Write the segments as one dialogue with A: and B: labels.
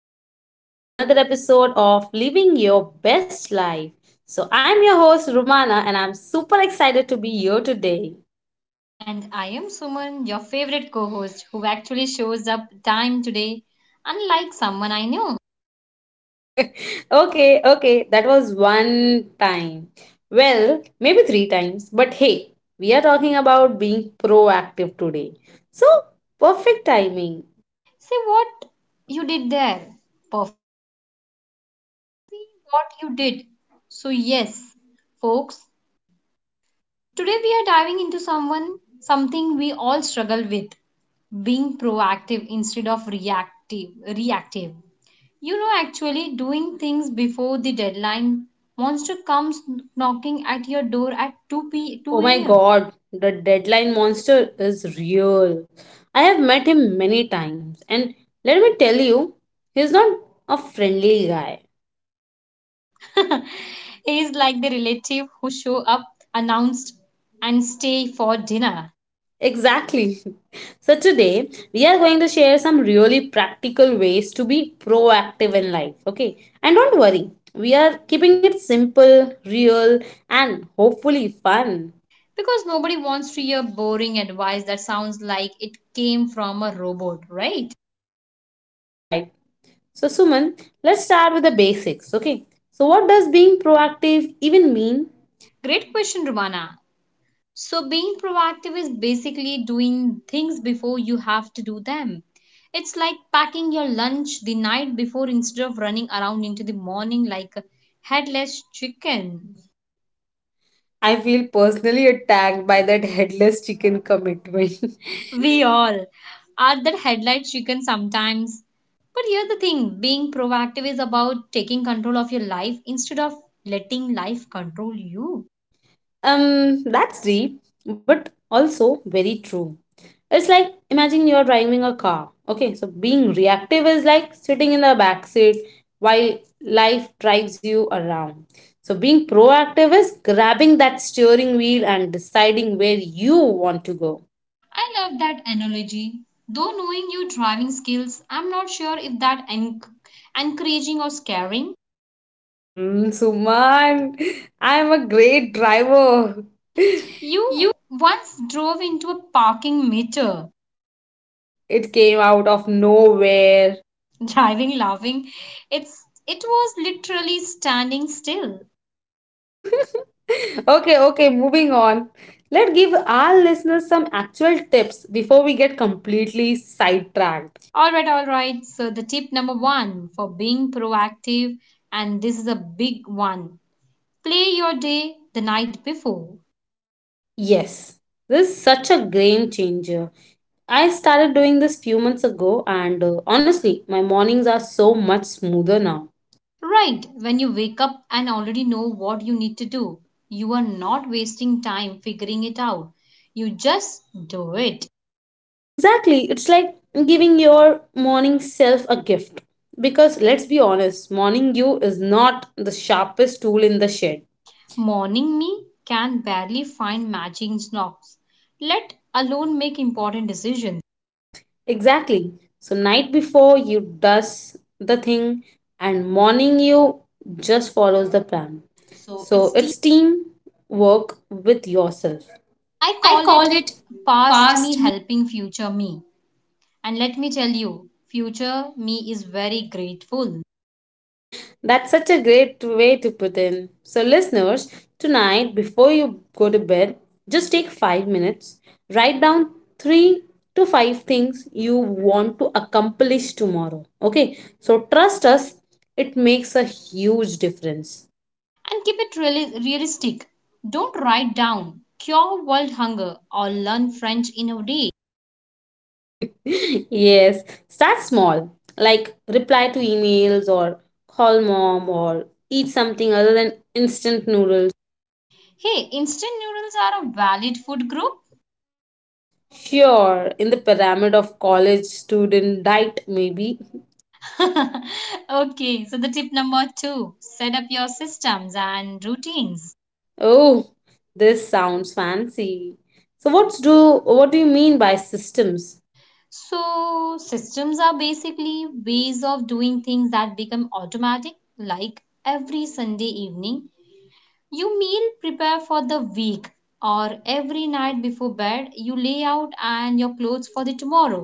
A: and welcome back to another episode of Living Your Best Life. So, I'm your host, Rumana, and I'm super excited to be here today.
B: And I am Suman, your favorite co host, who actually shows up time today, unlike someone I know.
A: Okay, okay, that was one time. Well, maybe three times, but hey, we are talking about being proactive today. So, perfect timing.
B: Say what you did there. Perfect. What you did. So, yes, folks, today we are diving into something we all struggle with being proactive instead of reactive. Reactive. You know, actually doing things before the deadline monster comes knocking at your door at 2 p 2 a.m.
A: Oh my god, the deadline monster is real. I have met him many times, and let me tell you, he's not a friendly guy.
B: is like the relative who show up announced and stay for dinner
A: Exactly. So, today we are going to share some really practical ways to be proactive in life, okay? And don't worry, we are keeping it simple, real, and hopefully fun.
B: because nobody wants to hear boring advice that sounds like it came from a robot, right?
A: You are right. So, Suman, let's start with the basics, okay? So, what does being proactive even mean?
B: Great question, Rumana. So being proactive is basically doing things before you have to do them. It's like packing your lunch the night before instead of running around into the morning like a headless chicken.
A: I feel personally attacked by that headless chicken commitment.
B: We all are that headlight chicken sometimes. But here's the thing, being proactive is about taking control of your life instead of letting life control you.
A: That's deep, but also very true. It's like imagine you're driving a car. Okay, so being reactive is like sitting in the back seat while life drives you around. So being proactive is grabbing that steering wheel and deciding where you want to go.
B: I love that analogy. Though knowing your driving skills, I'm not sure if that encouraging or scaring.
A: Mm, Suman, I am a great driver.
B: You
A: You.
B: once drove into a parking meter.
A: It came out of nowhere.
B: driving laughing. It was literally standing still.
A: Okay, okay, moving on. Let's give our listeners some actual tips before we get completely sidetracked.
B: All right, all right. So, the tip number one for being proactive, and this is a big one, play your day the night before.
A: Yes, this is such a game changer. I started doing this few months ago, and honestly, my mornings are so much smoother now.
B: Right, when you wake up and already know what you need to do, you are not wasting time figuring it out. You just do it.
A: Exactly, it's like giving your morning self a gift. Because let's be honest, morning you is not the sharpest tool in the shed.
B: Morning me can barely find matching socks, let alone make important decisions.
A: Exactly. So night before you does the thing and morning you just follows the plan.
B: So,
A: So
B: it's the
A: it's team work with yourself.
B: I
A: I
B: call it
A: call it
B: past me
A: past me.
B: helping future me. And let me tell you, future me is very grateful.
A: That's such a great way to put in. So listeners, tonight before you go to bed, just take 5 minutes, write down 3 to 5 things you want to accomplish tomorrow. Okay? So trust us, it makes a huge difference.
B: And keep it realistic. Don't write down cure world hunger or learn French in a day.
A: Yes, start small, like reply to emails or call mom or eat something other than instant noodles.
B: Hey, instant noodles are a valid food group.
A: Sure, in the pyramid of college student diet, maybe.
B: Okay, so the tip number two, set up your systems and routines.
A: Oh, this sounds fancy. So what do you mean by systems?
B: So, systems are basically ways of doing things that become automatic, like every Sunday evening you meal prepare for the week, or every night before bed, you lay out and your clothes for the tomorrow.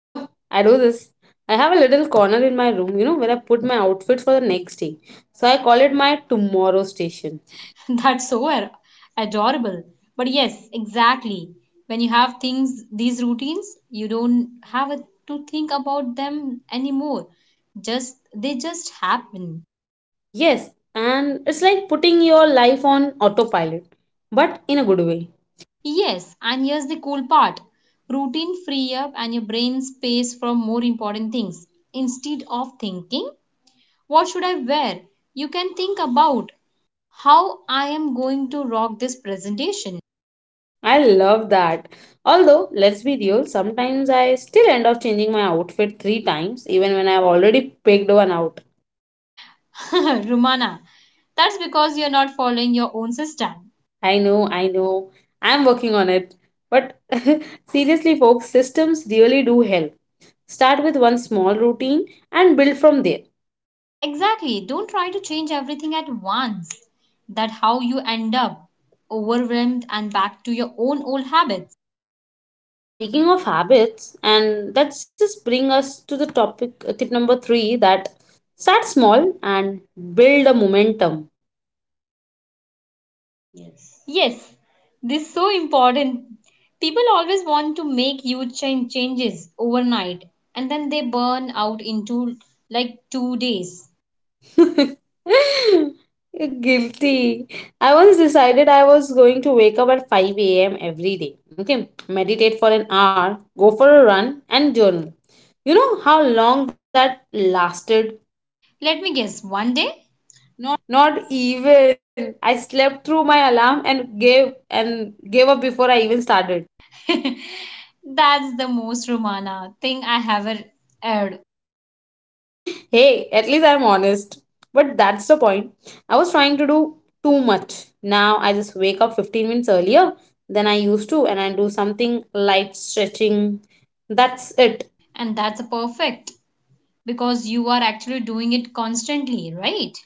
A: Oh, I do this. I have a little corner in my room, where I put my outfit for the next day. So I call it my tomorrow station.
B: That's so adorable. But yes, exactly. When you have things, these routines, you don't to think about them anymore. Just they just happen.
A: Yes, and it's like putting your life on autopilot, but in a good way.
B: Yes, and here's the cool part. Routine free up and your brain space from more important things. Instead of thinking, what should I wear? You can think about how I am going to rock this presentation.
A: I love that. Although, let's be real, sometimes I still end up changing my outfit three times, even when I've already picked one out.
B: Rumana, that's because you're not following your own system.
A: I know, I'm working on it. But seriously, folks, systems really do help. Start with one small routine and build from there.
B: Exactly. Don't try to change everything at once. That's how you end up overwhelmed and back to your own old habits.
A: Speaking of habits, and let's just bring us to the topic tip number three, that start small and build a momentum.
B: Yes. Yes, this is so important. People always want to make huge changes overnight and then they burn out into like 2 days.
A: You're guilty. I once decided I was going to wake up at 5 a.m. every day. Okay, meditate for an hour, go for a run, and journal. You know how long that lasted?
B: Let me guess, one day?
A: Not even. I slept through my alarm and gave up before I even started.
B: That's the most Romana thing I have ever heard.
A: Hey, at least I'm honest. But that's the point. I was trying to do too much. Now I just wake up 15 minutes earlier than I used to and I do something light stretching. That's it.
B: And that's perfect because you are actually doing it constantly, right?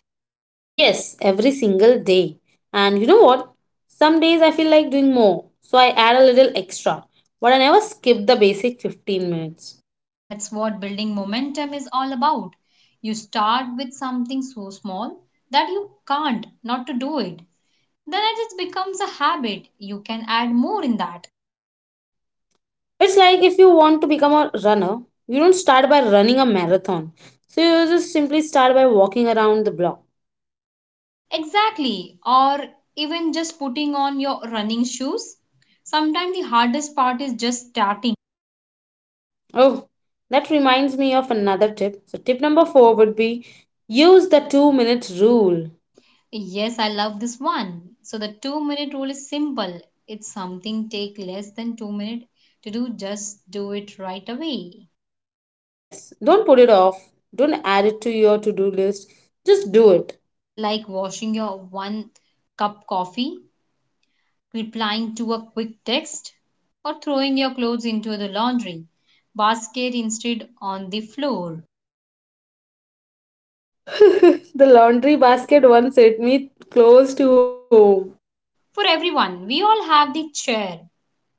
A: Yes, every single day. And you know what? Some days I feel like doing more, so I add a little extra. But I never skip the basic 15 minutes.
B: That's what building momentum is all about. You start with something so small that you can't not to do it. Then it just becomes a habit. You can add more in that.
A: It's like if you want to become a runner, you don't start by running a marathon. So you just simply start by walking around the block.
B: Exactly. Or even just putting on your running shoes. Sometimes the hardest part is just starting.
A: Oh, that reminds me of another tip. So, tip number four would be use the 2-minute rule.
B: Yes, I love this one. So the 2 minute rule is simple. It's something take less than 2 minutes to do, just do it right away.
A: Yes, don't put it off, don't add it to your to do list, just do it.
B: Like washing your one cup coffee, replying to a quick text, or throwing your clothes into the laundry basket instead on the floor.
A: The laundry basket once hit me close to home.
B: For everyone, we all have the chair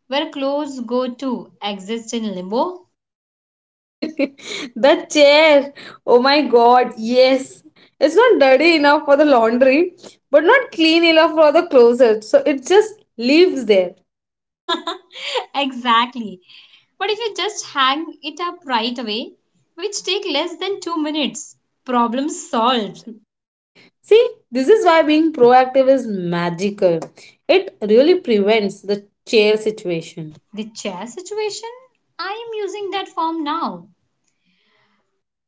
B: where clothes go to exist in limbo.
A: The chair, oh my god, yes, it's not dirty enough for the laundry, but not clean enough for the closet, so it just lives there.
B: exactly. But if you just hang it up right away, which take less than 2 minutes, problem solved.
A: See, this is why being proactive is magical. It really prevents the chair situation.
B: The chair situation, I am using that form now.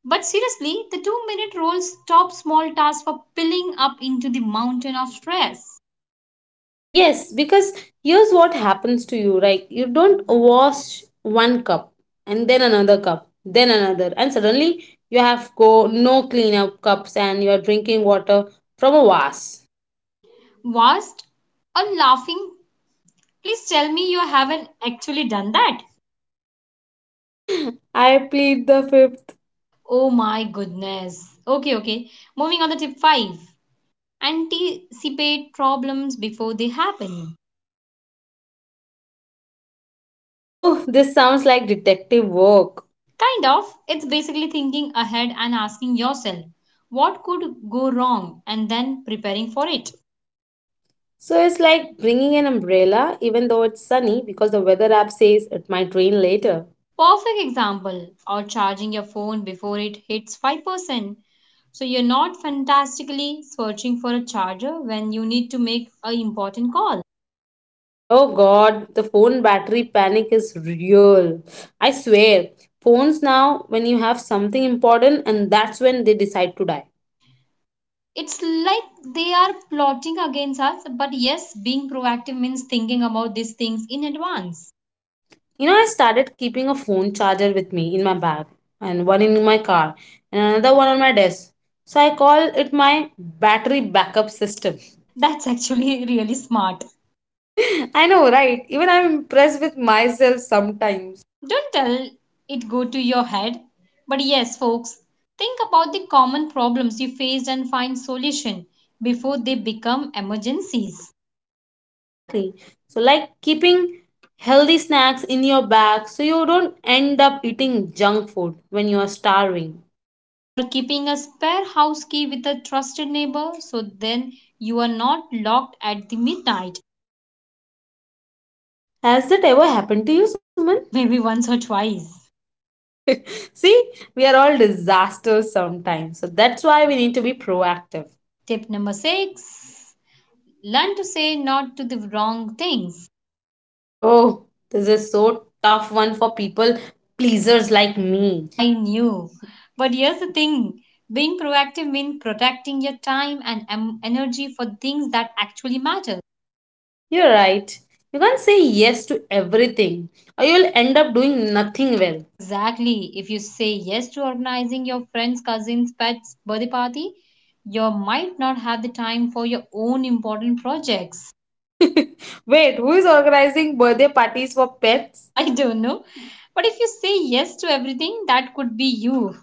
B: But seriously, the 2-minute rule stops small tasks for piling up into the mountain of stress.
A: Yes, because here's what happens to you, right? You don't wash one cup and then another cup, then another, and suddenly you have go no cleanup cups and you are drinking water from a vase.
B: Vast or laughing, please tell me you haven't actually done that.
A: I plead the fifth.
B: Oh my goodness. Okay, okay. Moving on to tip 5. Anticipate problems before they happen.
A: Oh, this sounds like detective work.
B: Kind of. It's basically thinking ahead and asking yourself, what could go wrong, and then preparing for it.
A: So it's like bringing an umbrella even though it's sunny because the weather app says it might rain later.
B: Perfect example, or charging your phone before it hits 5%. So you're not fantastically searching for a charger when you need to make a important call.
A: Oh god, the phone battery panic is real. I swear, phones now, when you have something important, and that's when they decide to die.
B: It's like they are plotting against us, but yes, being proactive means thinking about these things in advance.
A: You know, I started keeping a phone charger with me in my bag, and one in my car, and another one on my desk. So I call it my battery backup system.
B: That's actually really smart.
A: I know, right? Even I'm impressed with myself sometimes.
B: Don't tell it go to your head. But yes, folks, think about the common problems you faced and find solution before they become emergencies.
A: Exactly. So, like keeping healthy snacks in your bag so you don't end up eating junk food when you are starving.
B: Or keeping a spare house key with a trusted neighbor so then you are not locked at the midnight.
A: Has that ever happened to you, Suman?
B: Maybe once or twice.
A: See, we are all disasters sometimes. So, that's why we need to be proactive.
B: Tip number 6, learn to say not to the wrong things.
A: Oh, this is so tough one for people pleasers like me.
B: I knew. But here's the thing, being proactive means protecting your time and energy for things that actually matter.
A: You're right. You can't say yes to everything or you'll end up doing nothing well.
B: Exactly. If you say yes to organizing your friend's cousin's pet's birthday party, you might not have the time for your own important projects.
A: Wait, who is organizing birthday parties for pets?
B: I don't know. But if you say yes to everything, that could be you.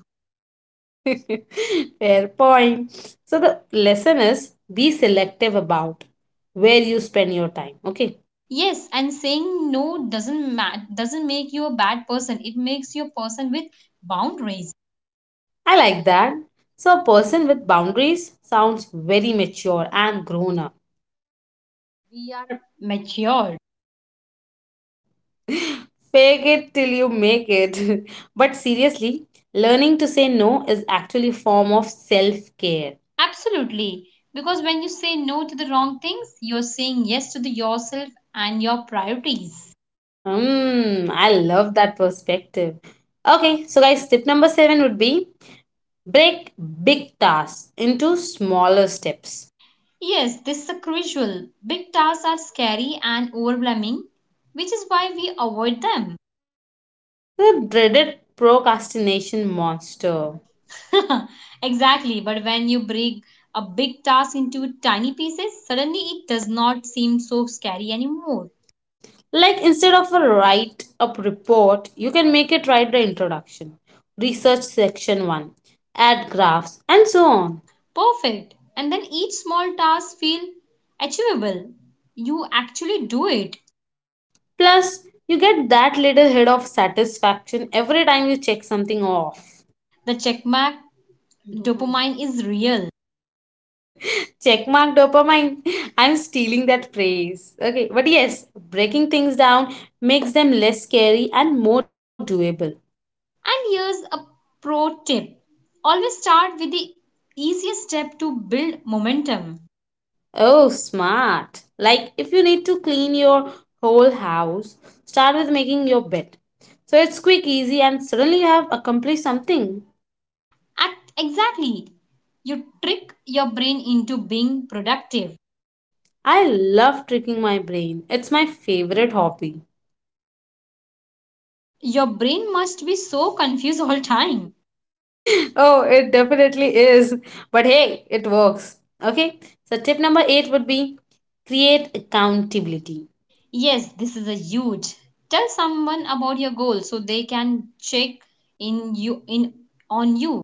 A: Fair point. So the lesson is be selective about where you spend your time. Okay.
B: Yes, and saying no doesn't make you a bad person. It makes you a person with boundaries.
A: I like that. So a person with boundaries sounds very mature and grown up.
B: We are mature.
A: Fake it till you make it. But seriously, learning to say no is actually a form of self-care.
B: Absolutely. Because when you say no to the wrong things, you're saying yes to the yourself and your priorities.
A: Mm, I love that perspective. Okay, so guys, tip number seven would be break big tasks into smaller steps.
B: Yes, this is a crucial. Big tasks are scary and overwhelming, which is why we avoid
A: The dreaded procrastination monster.
B: them. exactly, but when you break a big task into tiny pieces, suddenly it does not seem so scary anymore.
A: Like instead of a write up report, you can make it write the introduction, research section 1, add graphs, and so on.
B: Perfect. And then each small task feel achievable. You actually do it.
A: Plus, you get that little hit of satisfaction every time you check something off.
B: The checkmark dopamine is real.
A: Checkmark dopamine. I'm stealing that phrase. Okay, but yes, breaking things down makes them less scary and more doable.
B: And here's a pro tip, always start with the easiest step to build momentum.
A: Oh, smart. Like if you need to clean your whole house, start with making your bed. So it's quick, easy, and suddenly you have accomplished something.
B: Act exactly. You trick your brain into being productive.
A: I love tricking my brain. It's my favorite hobby.
B: Your brain must be so confused all time.
A: Oh, it definitely is. But hey, it works. Okay. So tip number eight would be create accountability.
B: Yes, this is a huge. Tell someone about your goal so they can check in you in on you.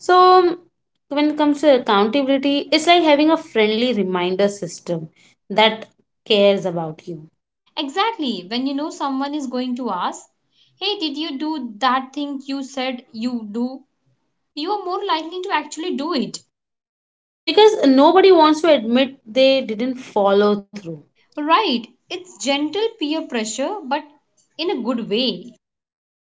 A: So when it comes to accountability, it's like having a friendly reminder system that cares about you.
B: Exactly. When you know someone is going to ask, "Hey, did you do that thing you said you do?" you are more likely to actually do it.
A: Because nobody wants to admit they didn't follow through.
B: Right, it's gentle peer pressure, but in a good way.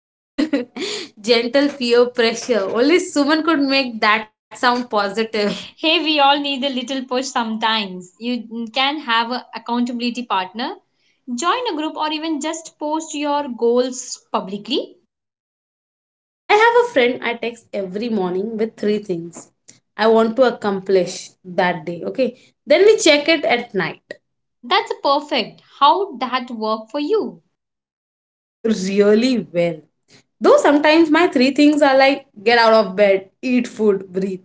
A: Gentle peer pressure. Only Suman could make that sound positive.
B: Hey, we all need a little push sometimes. You can have an accountability partner, join a group, or even just post your goals publicly.
A: I have a friend I text every morning with three things I want to accomplish that day. Okay. Then we check it at night.
B: That's perfect. How that work for you?
A: Really well. Though sometimes my three things are like get out of bed, eat food, breathe.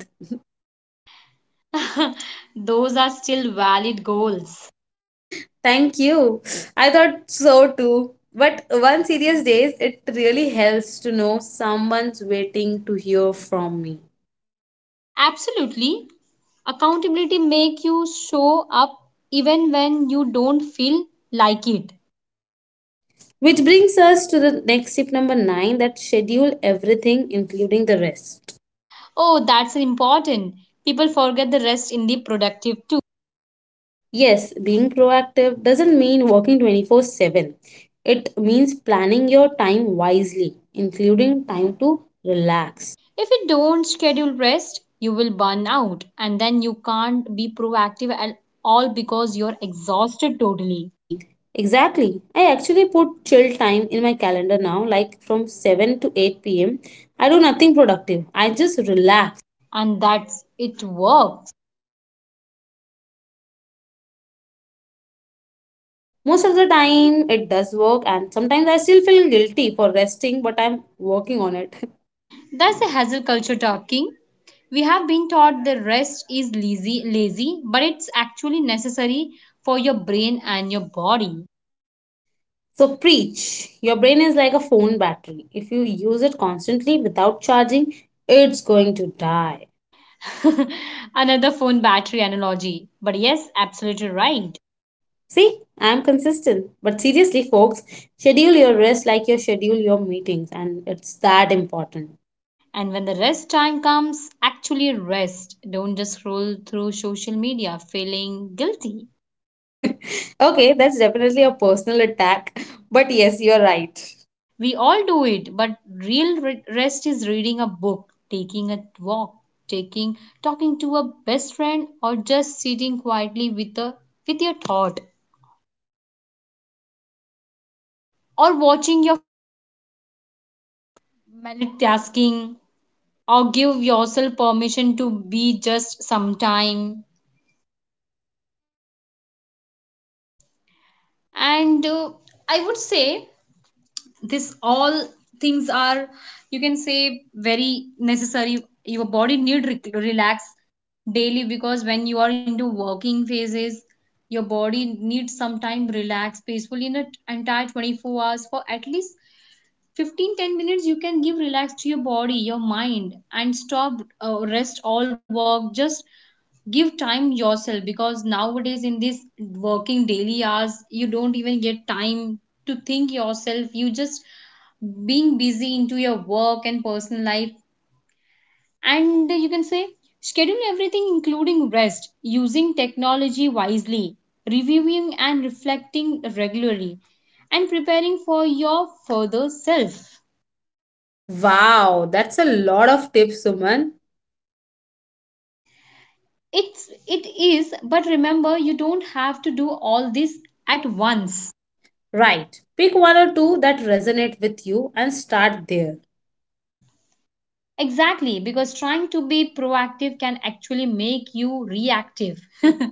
B: Those are still valid goals.
A: Thank you. I thought so too. But one serious days, it really helps to know someone's waiting to hear from me.
B: Absolutely. Accountability make you show up even when you don't feel like it.
A: Which brings us to the next tip number nine, that schedule everything, including the rest.
B: Oh, that's important. People forget the rest in the productive too.
A: Yes, being proactive doesn't mean working 24/7. It means planning your time wisely, including time to relax
B: If you don't schedule rest, you will burn out and then you can't be proactive at all because you're exhausted totally.
A: league. Exactly. I actually put chill time in my calendar now, like from 7 to 8 pm. I do nothing productive, I just relax.
B: And that's it works.
A: Most of the time, it does work, and sometimes I still feel guilty for resting, but I'm working on it.
B: That's the hustle culture talking. We have been taught that rest is lazy, but it's actually necessary for your brain and your body.
A: So, preach. Your brain is like a phone battery. If you use it constantly without charging, it's going to die.
B: Another phone battery analogy. But yes, absolutely right.
A: See, I'm consistent. But seriously, folks, schedule your rest like you schedule your meetings, and it's that important.
B: And when the rest time comes, actually rest. Don't just scroll through social media feeling guilty.
A: Okay, that's definitely a personal attack. But yes, you're right.
B: We all do it, but rest is reading a book, taking a walk, taking talking to a best friend or just sitting quietly with a with your thought or watching your multitasking or give yourself permission to be just sometime and I would say this all things are you can say very necessary your body need relax daily because when you are into working phases your body needs some time relax peacefully in an entire 24 hours for at least 15 10 minutes you can give relax to your body your mind and stop rest all work just give time yourself because nowadays in this working daily hours you don't even get time to think yourself you just being busy into your work and personal life and you can say schedule everything including rest using technology wisely reviewing and reflecting regularly and preparing for your further self
A: Wow, that's a lot of tips, Suman.
B: it is but remember you don't have to do all this at once.
A: Right. Pick one or two that resonate with you and start there.
B: Exactly, because trying to be proactive can actually make you reactive.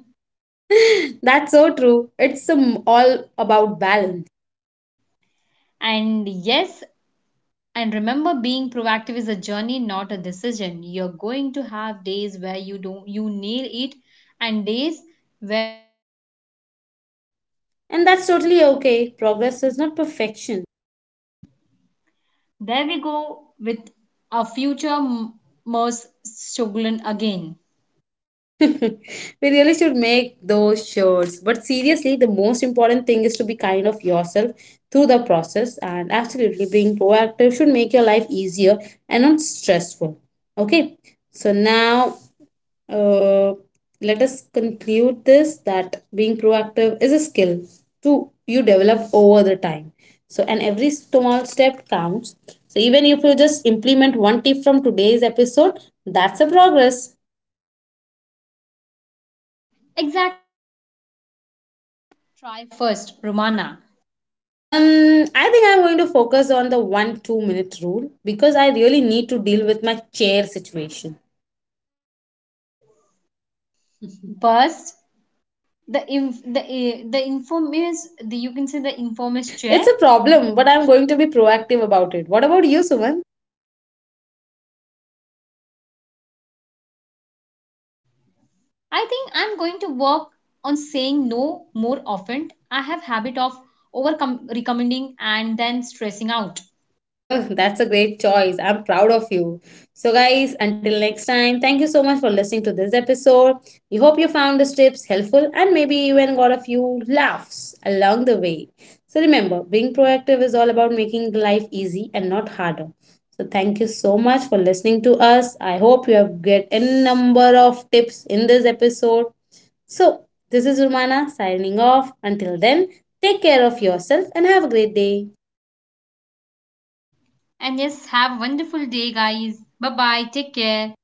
A: That's so true. It's all about balance.
B: And yes, and remember being proactive is a journey, not a decision. You're going to have days where you don't you nail it and days
A: And that's totally okay. Progress is not perfection.
B: there we go with a future Merce Shogun again.
A: We really should make those shirts. But seriously, the most important thing is to be kind of yourself through the process. And absolutely, being proactive should make your life easier and not stressful. Okay, so now uh, let us conclude this, that being proactive is a skill to you develop over the time. So, and every small step counts. So, even if you just implement one tip from today's episode, that's a progress.
B: Exactly. Try first, Romana.
A: I think I'm going to focus on the one two minute rule because I really need to deal with my chair situation.
B: First, the infamous you can say the infamous chair.
A: It's a problem, but I'm going to be proactive about it. What about you, Suman?
B: I think I'm going to work on saying no more often. I have habit of over recommending and then stressing out.
A: Ugh, that's a great choice. I'm proud of you. So, guys, until next time, thank you so much for listening to this episode. We hope you found these tips helpful and maybe even got a few laughs along the way. So, remember, being proactive is all about making life easy and not harder. So, thank you so much for listening to us. I hope you have get any number of tips in this episode. So, this is Romana signing off. Until then, take care of yourself and have a great day.
B: And yes, have a wonderful day guys. Bye bye. Take care.